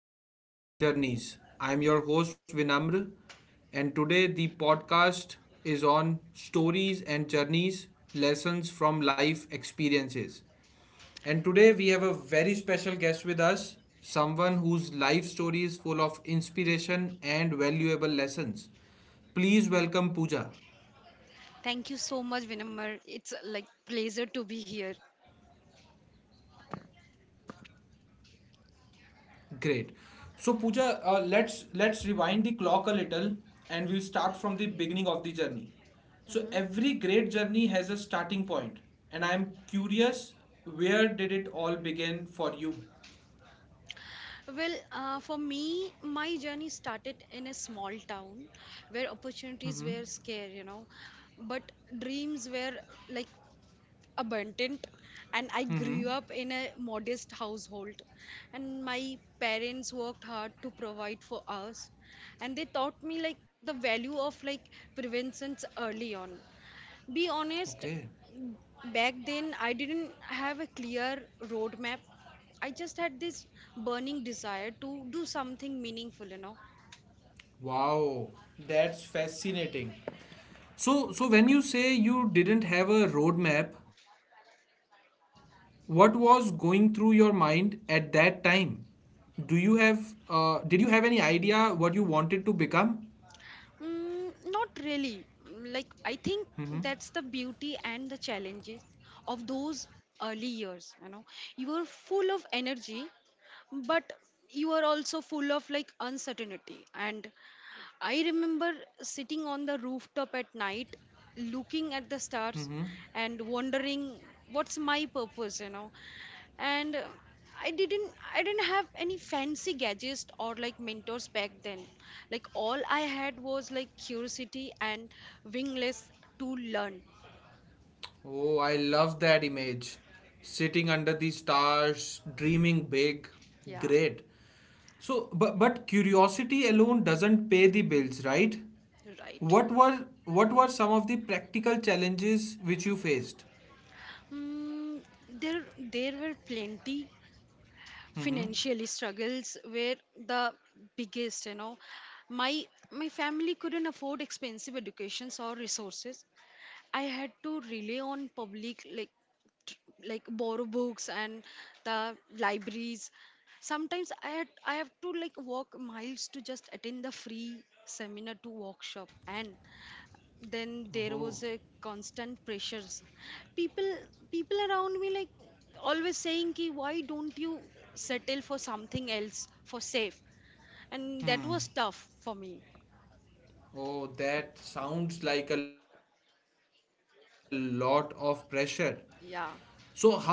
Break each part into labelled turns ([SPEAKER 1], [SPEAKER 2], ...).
[SPEAKER 1] Stories and Journeys. I'm your host Vinamr, and today the podcast is on Stories and Journeys Lessons from Life Experiences. And today we have a very special guest with us, someone whose life story is full of inspiration and valuable lessons. Please welcome Pooja.
[SPEAKER 2] Thank you so much, Vinamar. It's like pleasure to be here.
[SPEAKER 1] Great. So Pooja, let's rewind the clock a little, and we'll start from the beginning of the journey. So every great
[SPEAKER 2] Mhm.
[SPEAKER 1] journey has a starting point, and I'm curious, where did it all begin for you?
[SPEAKER 2] For me, my journey started in a small town where opportunities were scarce, you know, but dreams were like abundant. And I
[SPEAKER 1] Mm-hmm.
[SPEAKER 2] grew up in a modest household, and my parents worked hard to provide for us, and they taught me like the value of like preventions early on. Be honest,
[SPEAKER 1] Okay.
[SPEAKER 2] back then I didn't have a clear roadmap. I just had this burning desire to do something meaningful.
[SPEAKER 1] Wow, that's fascinating. So when you say you didn't have a roadmap, what was going through your mind at that time? Do you have, did you have any idea what you wanted to become?
[SPEAKER 2] Not really. Like, I think that's the beauty and the challenges of those early years. You know, you are full of energy, but you are also full of like uncertainty. And I remember sitting on the rooftop at night, looking at the stars and wondering what's my purpose, and I didn't have any fancy gadgets or like mentors back then. Like all I had was like curiosity and wingless to learn.
[SPEAKER 1] Oh, I love that image. Sitting under the stars, dreaming big.
[SPEAKER 2] Yeah.
[SPEAKER 1] Great. So, but curiosity alone doesn't pay the bills, right?
[SPEAKER 2] Right.
[SPEAKER 1] What were some of the practical challenges which you faced?
[SPEAKER 2] mm, there there were plenty.
[SPEAKER 1] Mm-hmm.
[SPEAKER 2] Financial struggles were the biggest, you know. My my family couldn't afford expensive educations or resources. I had to rely on public like tr- like borrow books and the libraries. Sometimes I have to like walk miles to just attend the free seminar to workshop, and then there
[SPEAKER 1] Oh,
[SPEAKER 2] was a constant pressures. People people around me like always saying ki why don't you settle for something else for safe, and that was tough for me.
[SPEAKER 1] oh, that sounds like a lot of pressure. So how did you
[SPEAKER 2] Yeah.
[SPEAKER 1] deal with that?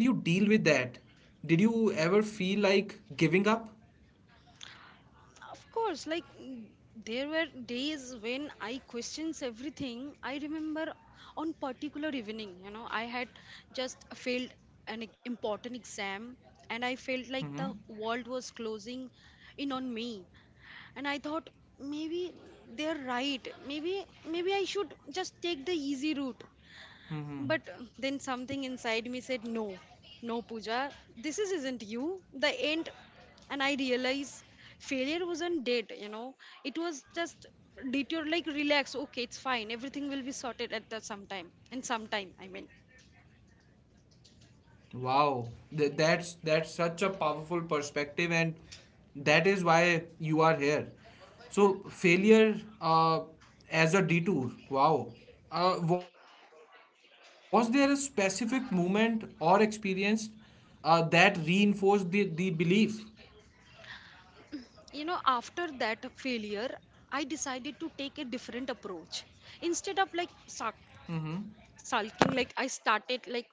[SPEAKER 1] Did you ever feel like giving up?
[SPEAKER 2] Of course, like there were days when I questions everything. I remember on particular evening, you know, I had just failed an important exam and I felt
[SPEAKER 1] Mm-hmm.
[SPEAKER 2] like the world was closing in on me. And I thought maybe they're right. Maybe I should just take the easy route.
[SPEAKER 1] Mm-hmm.
[SPEAKER 2] But then something inside me said, "No, no, Pooja, this is, isn't you, the end." And I realized failure wasn't dead, you know, it was just detour. Like, relax, okay, it's fine, everything will be sorted at the sometime, and sometime I mean,
[SPEAKER 1] Wow, that's such a powerful perspective, and that is why you are here. So failure, uh, as a detour. Wow, was there a specific moment or experience that reinforced the belief?
[SPEAKER 2] you know. After that failure, I decided to take a different approach. Instead of like sulking, like I started like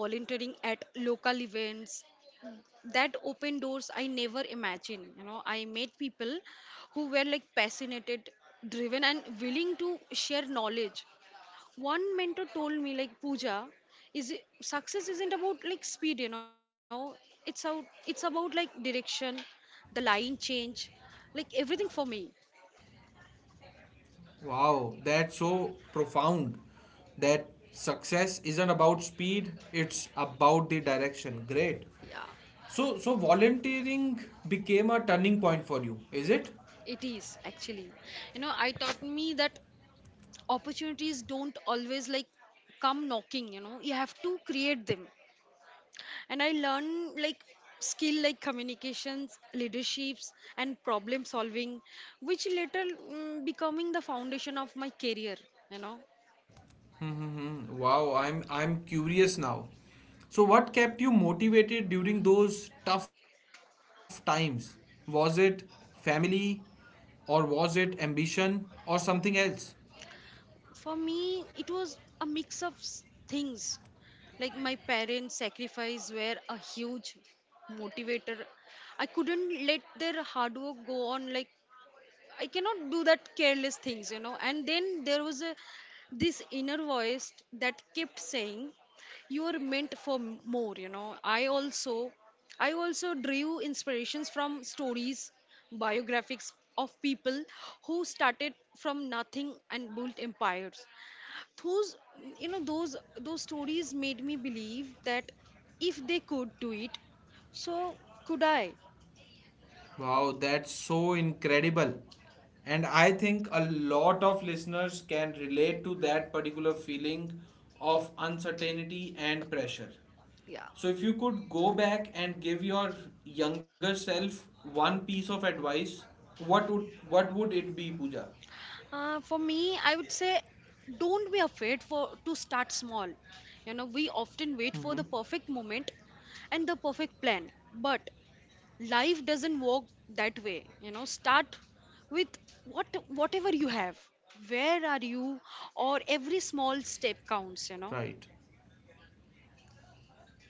[SPEAKER 2] volunteering at local events. That opened doors I never imagined, you know. I met people who were like passionate, driven, and willing to share knowledge. One mentor told me like, "Pooja, is it, success isn't about like speed, you know, it's out it's about like direction." The line change like everything for me.
[SPEAKER 1] Wow, that's so profound. That success isn't about speed; it's about the direction. Great.
[SPEAKER 2] Yeah,
[SPEAKER 1] So volunteering became a turning point for you, is it?
[SPEAKER 2] it is actually, you know. I taught me that opportunities don't always like come knocking, you know, you have to create them. And I learn like skill like communications, leaderships, and problem solving, which later becoming the foundation of my career, you know.
[SPEAKER 1] Mm-hmm. Wow, I'm curious now. So, what kept you motivated during those tough times? Was it family, or was it ambition, or something else?
[SPEAKER 2] For me it was a mix of things. Like my parents sacrifice were a huge motivator. I couldn't let their hard work go on like. I cannot do that careless things, you know. And then there was a, this inner voice that kept saying, "You are meant for more," you know. I also drew inspirations from stories, biographies of people who started from nothing and built empires. Those, you know, those stories made me believe that if they could do it, so could I.
[SPEAKER 1] Wow, that's so incredible. And I think a lot of listeners can relate to that particular feeling of uncertainty and pressure.
[SPEAKER 2] Yeah.
[SPEAKER 1] So, if you could go back and give your younger self one piece of advice, what would it be, Pooja?
[SPEAKER 2] For me, I would say don't be afraid for to start small. You know, we often wait for
[SPEAKER 1] Mm-hmm.
[SPEAKER 2] the perfect moment and the perfect plan, but life doesn't work that way. You know, start with whatever you have. Where are you? Or
[SPEAKER 1] Right.
[SPEAKER 2] every small step counts, you know.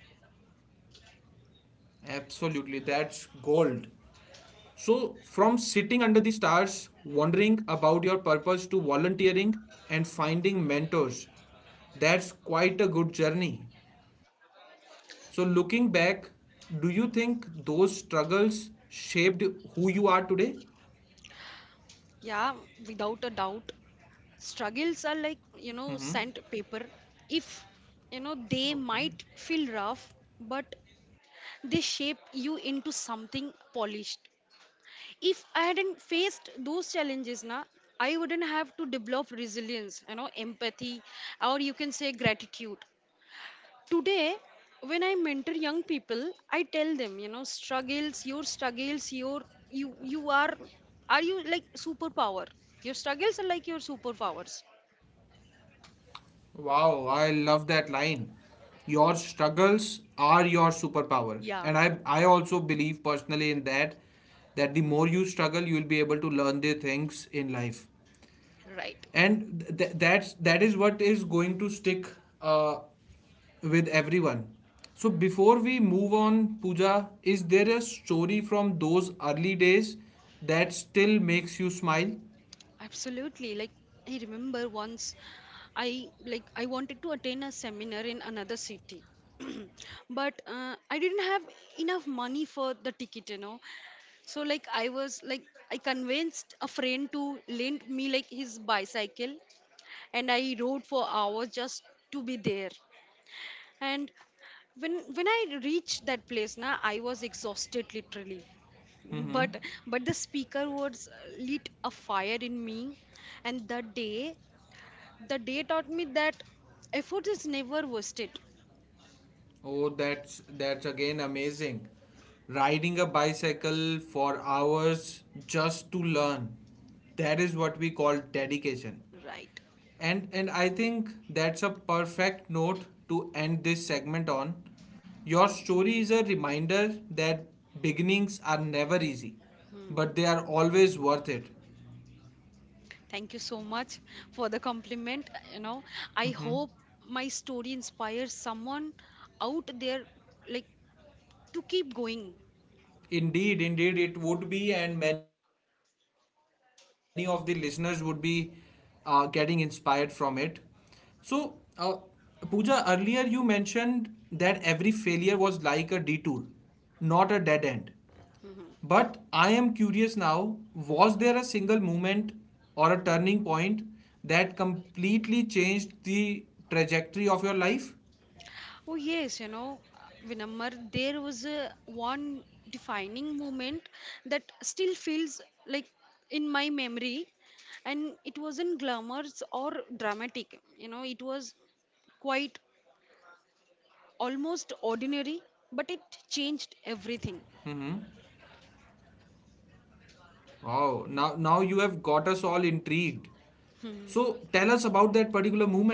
[SPEAKER 1] Absolutely. That's gold. So, from sitting under the stars, wondering about your purpose, to volunteering and finding mentors, that's quite a good journey. So, looking back, do you think those struggles shaped who you are today?
[SPEAKER 2] Yeah, without a doubt. Struggles are like, you know, sandpaper. If you know they
[SPEAKER 1] Okay.
[SPEAKER 2] might feel rough, but they shape you into something polished. If I hadn't faced those challenges na, I wouldn't have to develop resilience, you know, empathy, or you can say gratitude. Today, when I mentor young people, I tell them, you know, struggles your you you are you like superpower your struggles are like your superpowers.
[SPEAKER 1] Wow, I love that line. Your struggles are your superpower. And
[SPEAKER 2] Yeah.
[SPEAKER 1] I also believe personally in that, that the more you struggle, you will be able to learn the things in life.
[SPEAKER 2] Right.
[SPEAKER 1] And that is what is going to stick uh, with everyone. So before we move on, puja is there a story from those early days that still makes you smile?
[SPEAKER 2] Absolutely. I remember once I wanted to attend a seminar in another city. But I didn't have enough money for the ticket, you know. So like I convinced a friend to lend me like his bicycle, and I rode for hours just to be there. And when I reached that place now I was exhausted literally.
[SPEAKER 1] Mm-hmm.
[SPEAKER 2] but but the speaker words lit a fire in me, and that day the day taught me that effort is never wasted.
[SPEAKER 1] Oh, that's again amazing. Riding a bicycle for hours just to learn, that is what we call dedication.
[SPEAKER 2] Right.
[SPEAKER 1] And I think that's a perfect note to end this segment on. Your story is a reminder that beginnings are never easy,
[SPEAKER 2] Hmm.
[SPEAKER 1] but they are always worth it.
[SPEAKER 2] Thank you so much for the compliment, you know. I
[SPEAKER 1] Mhm.
[SPEAKER 2] hope my story inspires someone out there like to keep going.
[SPEAKER 1] Indeed, indeed, it would be, and many of the listeners would be getting inspired from it. So, Pooja, earlier you mentioned that every failure was like a detour, not a dead end. But
[SPEAKER 2] Hmm.
[SPEAKER 1] I am curious now, was there a single moment or a turning point that completely changed the trajectory of your life?
[SPEAKER 2] Oh, yes, you know, Vinammar, there was a one defining moment that still feels like in my memory, and it wasn't glamorous or dramatic. You know, it was quite almost ordinary, but it changed everything.
[SPEAKER 1] Wow, now you have got us all intrigued. So tell us about that particular moment.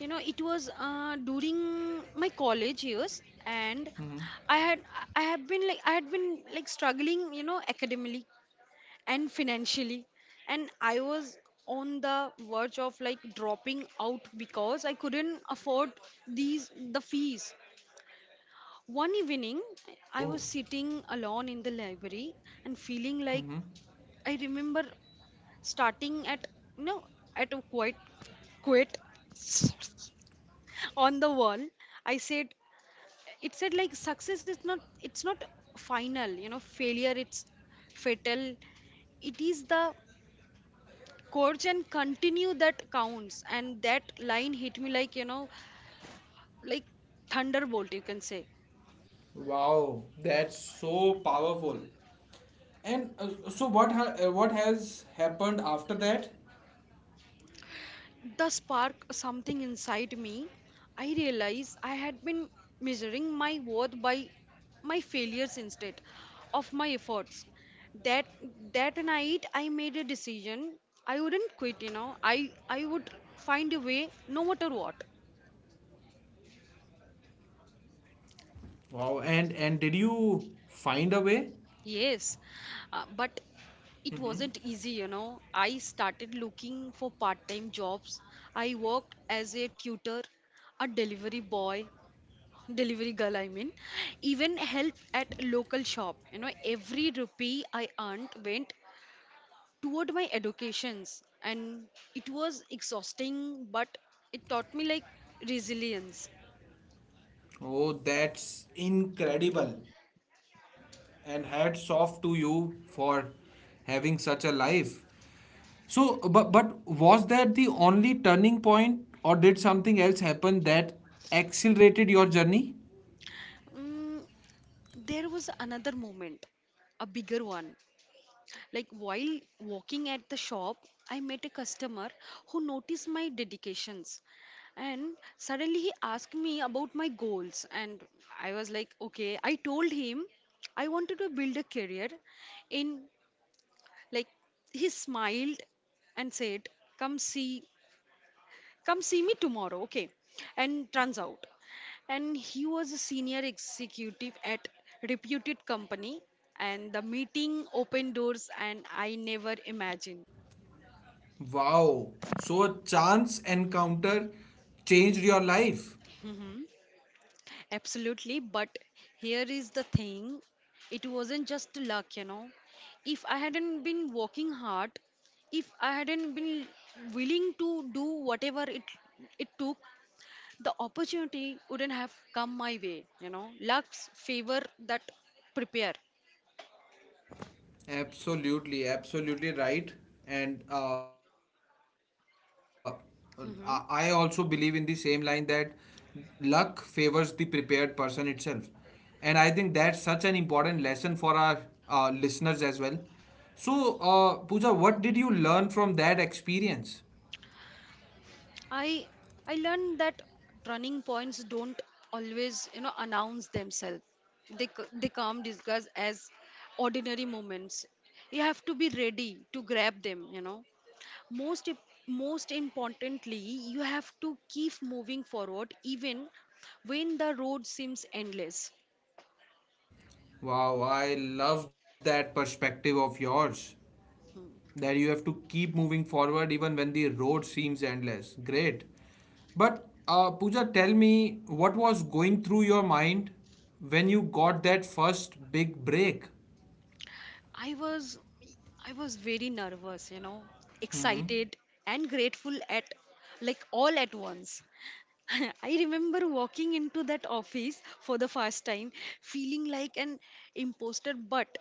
[SPEAKER 2] You know, it was during my college years, and I had I had been like struggling, you know, academically and financially, and I was on the verge of like dropping out because I couldn't afford the fees. One evening, I was
[SPEAKER 1] Oh,
[SPEAKER 2] sitting alone in the library and feeling like, I remember starting at, you know, at a quit on the wall. I said, it said like, "Success is not it's not final, you know, failure it's fatal. It is the Korjan continue that counts." And that line hit me like, you know, like thunderbolt, you can say.
[SPEAKER 1] wow, that's so powerful. And so what has happened after that?
[SPEAKER 2] The spark something inside me. I realized I had been measuring my worth by my failures instead of my efforts. That that night I made a decision. I wouldn't quit, you know. I would find a way no matter what.
[SPEAKER 1] Wow, and did you find a way?
[SPEAKER 2] Yes, but it wasn't easy, you know. I started looking for part time jobs. I worked as a tutor, a delivery boy, delivery girl, I mean, even help at local shop. You know, every rupee I earned went toward my educations, and it was exhausting, but it taught me like resilience.
[SPEAKER 1] Oh, that's incredible. And hats off to you for having such a life. So, but was that the only turning point, or did something else happen that accelerated your journey?
[SPEAKER 2] Mm, there was another moment, a bigger one. Like while walking at the shop, I met a customer who noticed my dedications, and suddenly he asked me about my goals, and I was like, okay, I told him I wanted to build a career in like. He smiled and said, come see Come see me tomorrow, okay." And turns out, and he was a senior executive at reputed company, and the meeting opened doors, and I never imagined.
[SPEAKER 1] Wow. So, a chance encounter changed your life.
[SPEAKER 2] Hmm. Absolutely, but here is the thing, it wasn't just luck, you know. If I hadn't been working hard, if I hadn't been willing to do whatever it took, the opportunity wouldn't have come my way, you know. Luck's favor that prepare.
[SPEAKER 1] Absolutely, absolutely right. And I also believe in the same line
[SPEAKER 2] Hmm.
[SPEAKER 1] that luck favors the prepared person itself. And I think that's such an important lesson for our listeners as well. So, Pooja, what did you learn from that experience?
[SPEAKER 2] I i learned that turning points don't always, you know, announce themselves. They they come discussed as ordinary moments. You have to be ready to grab them, you know. most im- Most importantly, you have to keep moving forward even when the road seems endless.
[SPEAKER 1] Wow, I love that perspective of yours, that you have to keep moving forward even when the road seems endless. Great. But Pooja, tell me, what was going through your mind when you got that first big break?
[SPEAKER 2] I was I was very nervous, you know, excited and grateful at like all at once. I remember walking into that office for the first time feeling like an imposter,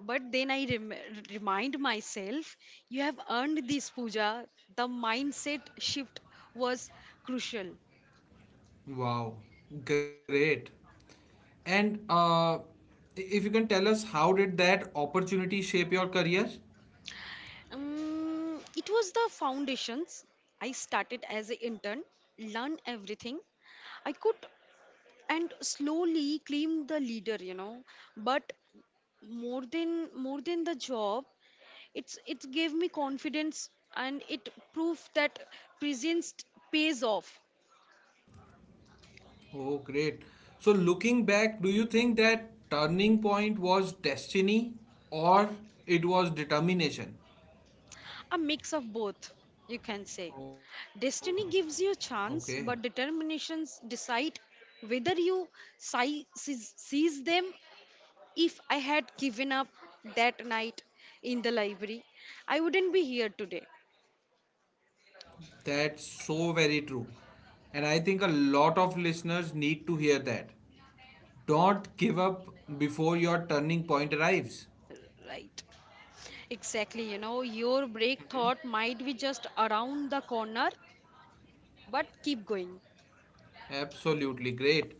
[SPEAKER 2] but then I remind myself, you have earned this Puja. The mindset shift was crucial.
[SPEAKER 1] Wow, great. And if you can tell us, how did that opportunity shape your career?
[SPEAKER 2] It was the foundations. I started as an intern, learn everything I could, and slowly claim the leader, you know. But more than more than the job, it's it gave me confidence, and it proved that presence pays off.
[SPEAKER 1] Oh, great. So, looking back, do you think that turning point was destiny or it was determination?
[SPEAKER 2] A mix of both, you can say.
[SPEAKER 1] Oh,
[SPEAKER 2] Destiny gives you
[SPEAKER 1] okay.
[SPEAKER 2] a chance, but determinations decide whether you seize them. If I had given up that night in the library, I wouldn't be here today.
[SPEAKER 1] That's so very true. And I think a lot of listeners need to hear that. Don't give up before your turning point arrives.
[SPEAKER 2] Right. Exactly, you know, your break thought might be just around the corner, but keep going.
[SPEAKER 1] Absolutely great.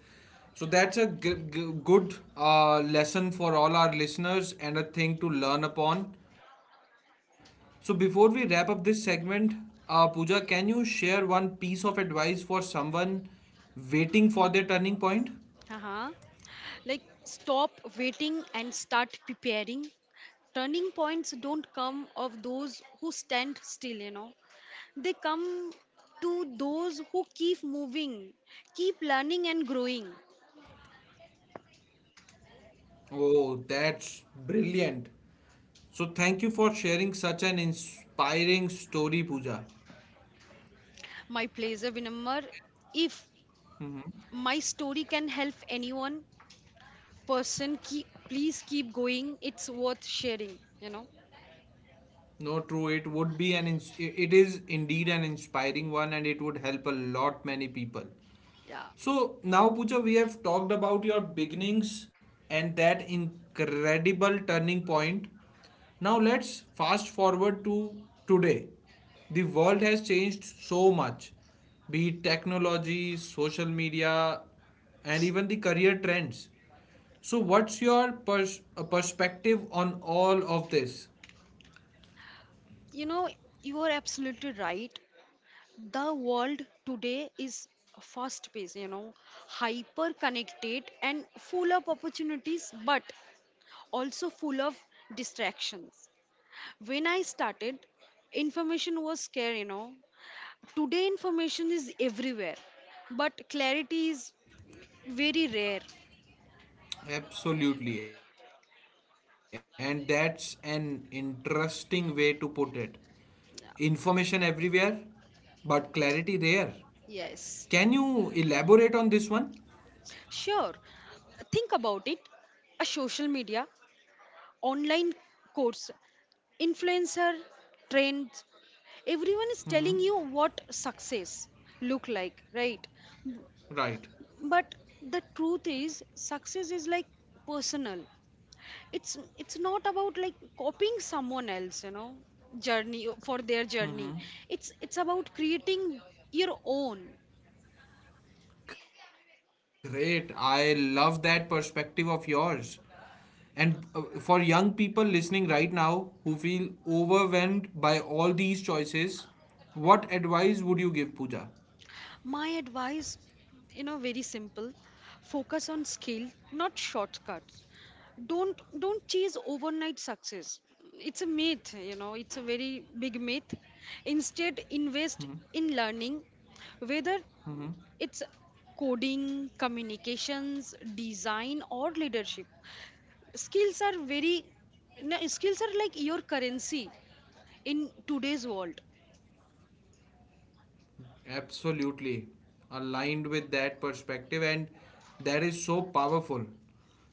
[SPEAKER 1] So that's a good lesson for all our listeners and a thing to learn upon. So before we wrap up this segment, Pooja, can you share one piece of advice for someone waiting for their turning point?
[SPEAKER 2] Uh-huh. Like, stop waiting and start preparing. Turning points don't come of those who stand still, you know, they come to those who keep moving, keep learning and growing.
[SPEAKER 1] Oh, that's brilliant. So, thank you for sharing such an inspiring story, Pooja.
[SPEAKER 2] My pleasure, Vinamar. If my story can help anyone, person, keep, please keep going. It's worth sharing, you know.
[SPEAKER 1] No, true, it would be an it is indeed an inspiring one, and it would help a lot many people.
[SPEAKER 2] Yeah.
[SPEAKER 1] So now, Pooja, we have talked about your beginnings and that incredible turning point. Now let's fast forward to today. The world has changed so much, be it technology, social media, and even the career trends. So, what's your perspective on all of this?
[SPEAKER 2] You know, you are absolutely right. The world today is fast paced, you know, hyper connected and full of opportunities, but also full of distractions. When I started, information was scarce, you know. Today, information is everywhere, but clarity is very rare.
[SPEAKER 1] Absolutely, and that's an interesting way to put it. Information everywhere, but clarity rare. Can you
[SPEAKER 2] Yes,
[SPEAKER 1] elaborate on this one?
[SPEAKER 2] sure. Think about it. A social media, online course, influencer, trends, everyone is telling you what success look like, right?
[SPEAKER 1] Right.
[SPEAKER 2] But the truth is success is like personal. It's not about like copying someone else, you know, journey for their journey.
[SPEAKER 1] Mm-hmm.
[SPEAKER 2] It's about creating your own.
[SPEAKER 1] Great. I love that perspective of yours. And for young people listening right now who feel overwhelmed by all these choices, what advice would you give, Pooja?
[SPEAKER 2] My advice, you know, very simple. Focus on skill, not shortcuts. Don't chase overnight success. It's a myth, you know, it's a very big myth.
[SPEAKER 1] Mm-hmm.
[SPEAKER 2] Instead invest in learning,
[SPEAKER 1] Mm-hmm.
[SPEAKER 2] whether it's coding, communications, design, or leadership. Skills are very, no, skills are like your currency in today's world.
[SPEAKER 1] Absolutely aligned with that perspective, and that is so powerful.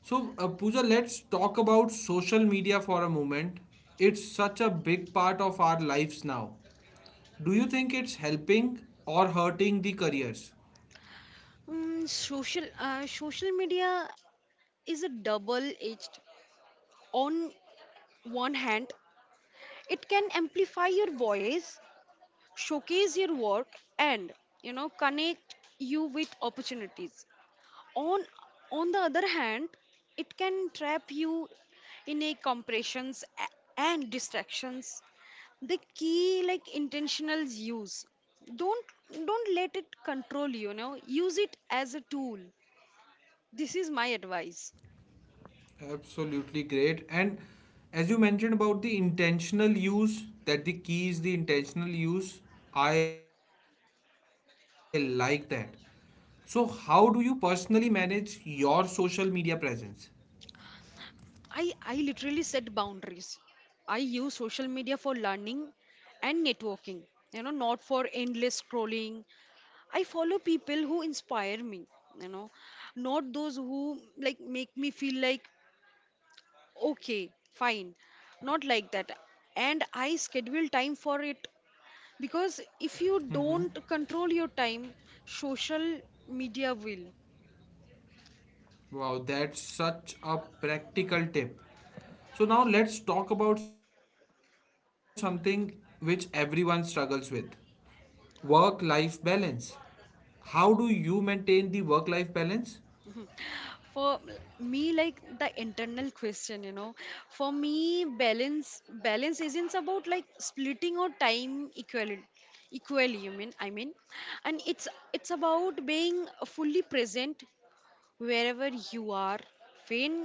[SPEAKER 1] So, Pooja, let's talk about social media for a moment. It's such a big part of our lives now. Do you think it's helping or hurting the careers?
[SPEAKER 2] Social media is a double edged. On one hand, it can amplify your voice, showcase your work, and, you know, connect you with opportunities. on on the other hand, it can trap you in a compressions and distractions. The key like intentional use. don't don't let it control you, you know, use it as a tool. This is my advice.
[SPEAKER 1] Absolutely great. And as you mentioned about the intentional use, that the key is the intentional use, I like that. So, how do you personally manage your social media presence?
[SPEAKER 2] I literally set boundaries. I use social media for learning and networking, you know, not for endless scrolling. I follow people who inspire me, you know, not those who like make me feel like, okay, fine, not like that. And I schedule time for it, because if you don't control your time, social media will.
[SPEAKER 1] Wow, that's such a practical tip. So, now let's talk about something which everyone struggles with, work life balance. How do you maintain the work life balance?
[SPEAKER 2] For me like the internal question, you know, for me balance isn't about like splitting our time equally, equally you mean I mean. And it's about being fully present wherever you are. when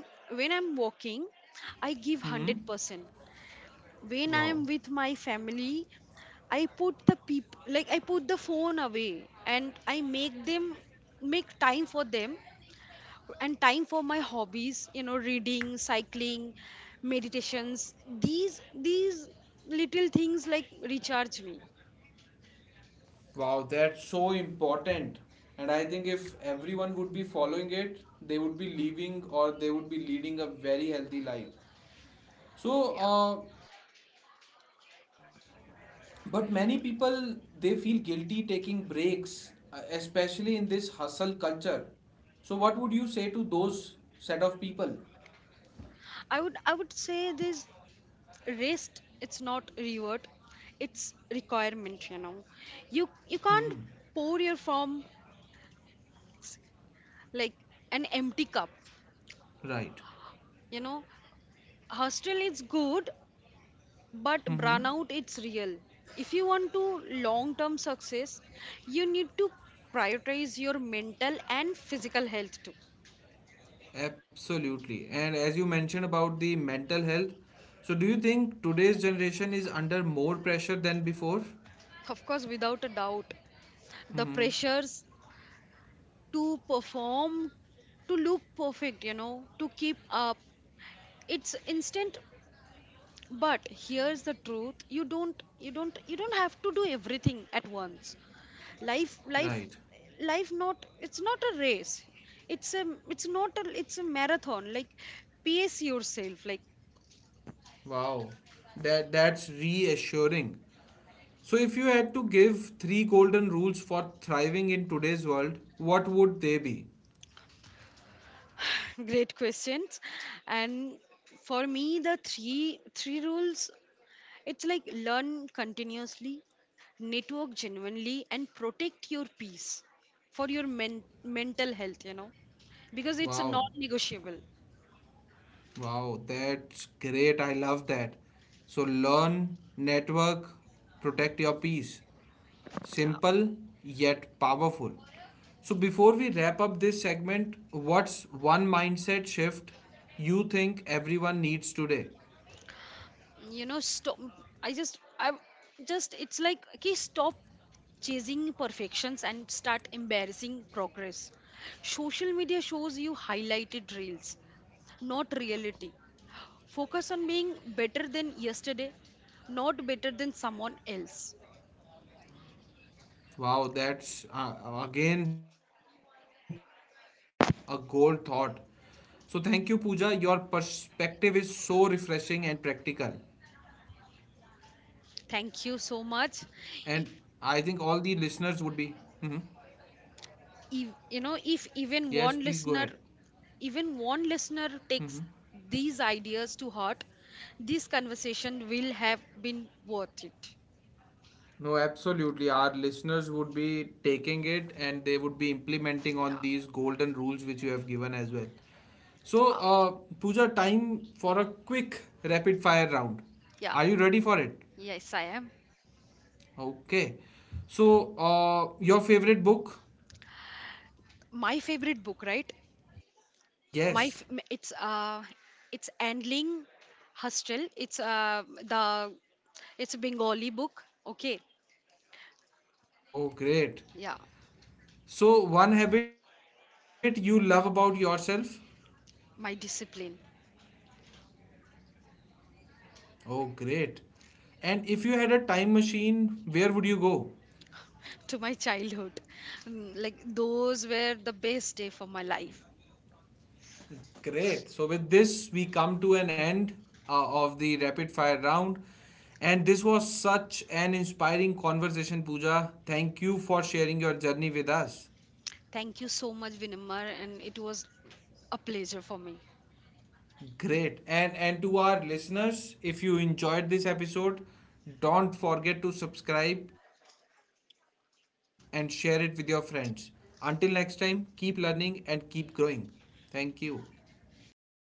[SPEAKER 2] when I'm walking, I give
[SPEAKER 1] Hmm.
[SPEAKER 2] 100%. When I'm
[SPEAKER 1] Wow,
[SPEAKER 2] with my family, I put the people like I put the phone away, and I make them make time for them. And time for my hobbies, you know, reading, cycling, meditations. these these little things like recharge me.
[SPEAKER 1] wow, that's so important. And I think if everyone would be following it, they would be living or they would be leading a very healthy life. So,
[SPEAKER 2] Yeah.
[SPEAKER 1] but many people they feel guilty taking breaks, especially in this hustle culture. So, what would you say to those set of people?
[SPEAKER 2] I would say this, rest it's not reward, it's requirement, you know. you you
[SPEAKER 1] Hmm.
[SPEAKER 2] can't pour your from like an empty cup,
[SPEAKER 1] Right.
[SPEAKER 2] you know. Hostel is good. But
[SPEAKER 1] Mm-hmm.
[SPEAKER 2] burnout, it's real. If you want to long term success, you need to prioritize your mental and physical health too.
[SPEAKER 1] Absolutely. And as you mentioned about the mental health, so do you think today's generation is under more pressure than before?
[SPEAKER 2] Of course, without a doubt. The
[SPEAKER 1] Hmm.
[SPEAKER 2] pressures to perform, to look perfect, you know, to keep up, it's instant. But here's the truth, you don't have to do everything at once. life
[SPEAKER 1] Right.
[SPEAKER 2] life Life not it's not a race. it's a it's not a it's a marathon, like pace yourself like.
[SPEAKER 1] Wow. That's reassuring. So, if you had to give three golden rules for thriving in today's world, what would they be?
[SPEAKER 2] Great questions. And for me the three rules, it's like learn continuously, network genuinely, and protect your peace. For your mental health, you know, because it's a
[SPEAKER 1] Wow,
[SPEAKER 2] non-negotiable.
[SPEAKER 1] wow, that's great. I love that. So, learn, network, protect your peace.
[SPEAKER 2] Yeah,
[SPEAKER 1] Simple yet powerful. So, before we wrap up this segment, what's one mindset shift you think everyone needs today?
[SPEAKER 2] you know, stop I just it's like okay stop chasing perfections and start embarrassing progress. Social media shows you highlighted reels, not reality. Focus on being better than yesterday, not better than someone else.
[SPEAKER 1] Wow, that's again a gold thought. So, thank you, Pooja. Your perspective is so refreshing and practical.
[SPEAKER 2] Thank
[SPEAKER 1] And
[SPEAKER 2] you so
[SPEAKER 1] I
[SPEAKER 2] much.
[SPEAKER 1] think all the
[SPEAKER 2] I-
[SPEAKER 1] listeners would be. Hmm.
[SPEAKER 2] if, you know,
[SPEAKER 1] Yes,
[SPEAKER 2] if
[SPEAKER 1] please go ahead.
[SPEAKER 2] even one listener
[SPEAKER 1] Hmm.
[SPEAKER 2] takes these ideas to heart, this conversation will have been worth it.
[SPEAKER 1] No, absolutely. Our listeners would be taking it, and they would be implementing on
[SPEAKER 2] Yeah,
[SPEAKER 1] these golden rules which you have given as well. So,
[SPEAKER 2] uh,
[SPEAKER 1] Pooja, time for a quick rapid fire round.
[SPEAKER 2] yeah,
[SPEAKER 1] Are you ready for it?
[SPEAKER 2] yes, I am.
[SPEAKER 1] Okay. So, your favorite book?
[SPEAKER 2] My favorite book, right?
[SPEAKER 1] Yes.
[SPEAKER 2] It's it's Andling Hostel. It's the it's a Bengali book. Okay,
[SPEAKER 1] Oh, great.
[SPEAKER 2] yeah,
[SPEAKER 1] So, one habit you love about yourself?
[SPEAKER 2] my discipline.
[SPEAKER 1] Oh, great. And if you had a time machine, where would you go?
[SPEAKER 2] To my childhood. Like those were the best day for my life.
[SPEAKER 1] Great. So, with this, we come to an end of the rapid fire round. And this was such an inspiring conversation, Pooja. Thank you for sharing your journey with us.
[SPEAKER 2] Thank you so much, Vinamar, and it was a pleasure for me.
[SPEAKER 1] Great. And to our listeners, if you enjoyed this episode, don't forget to subscribe and share it with your friends. Until next time, keep learning and keep growing. Thank you.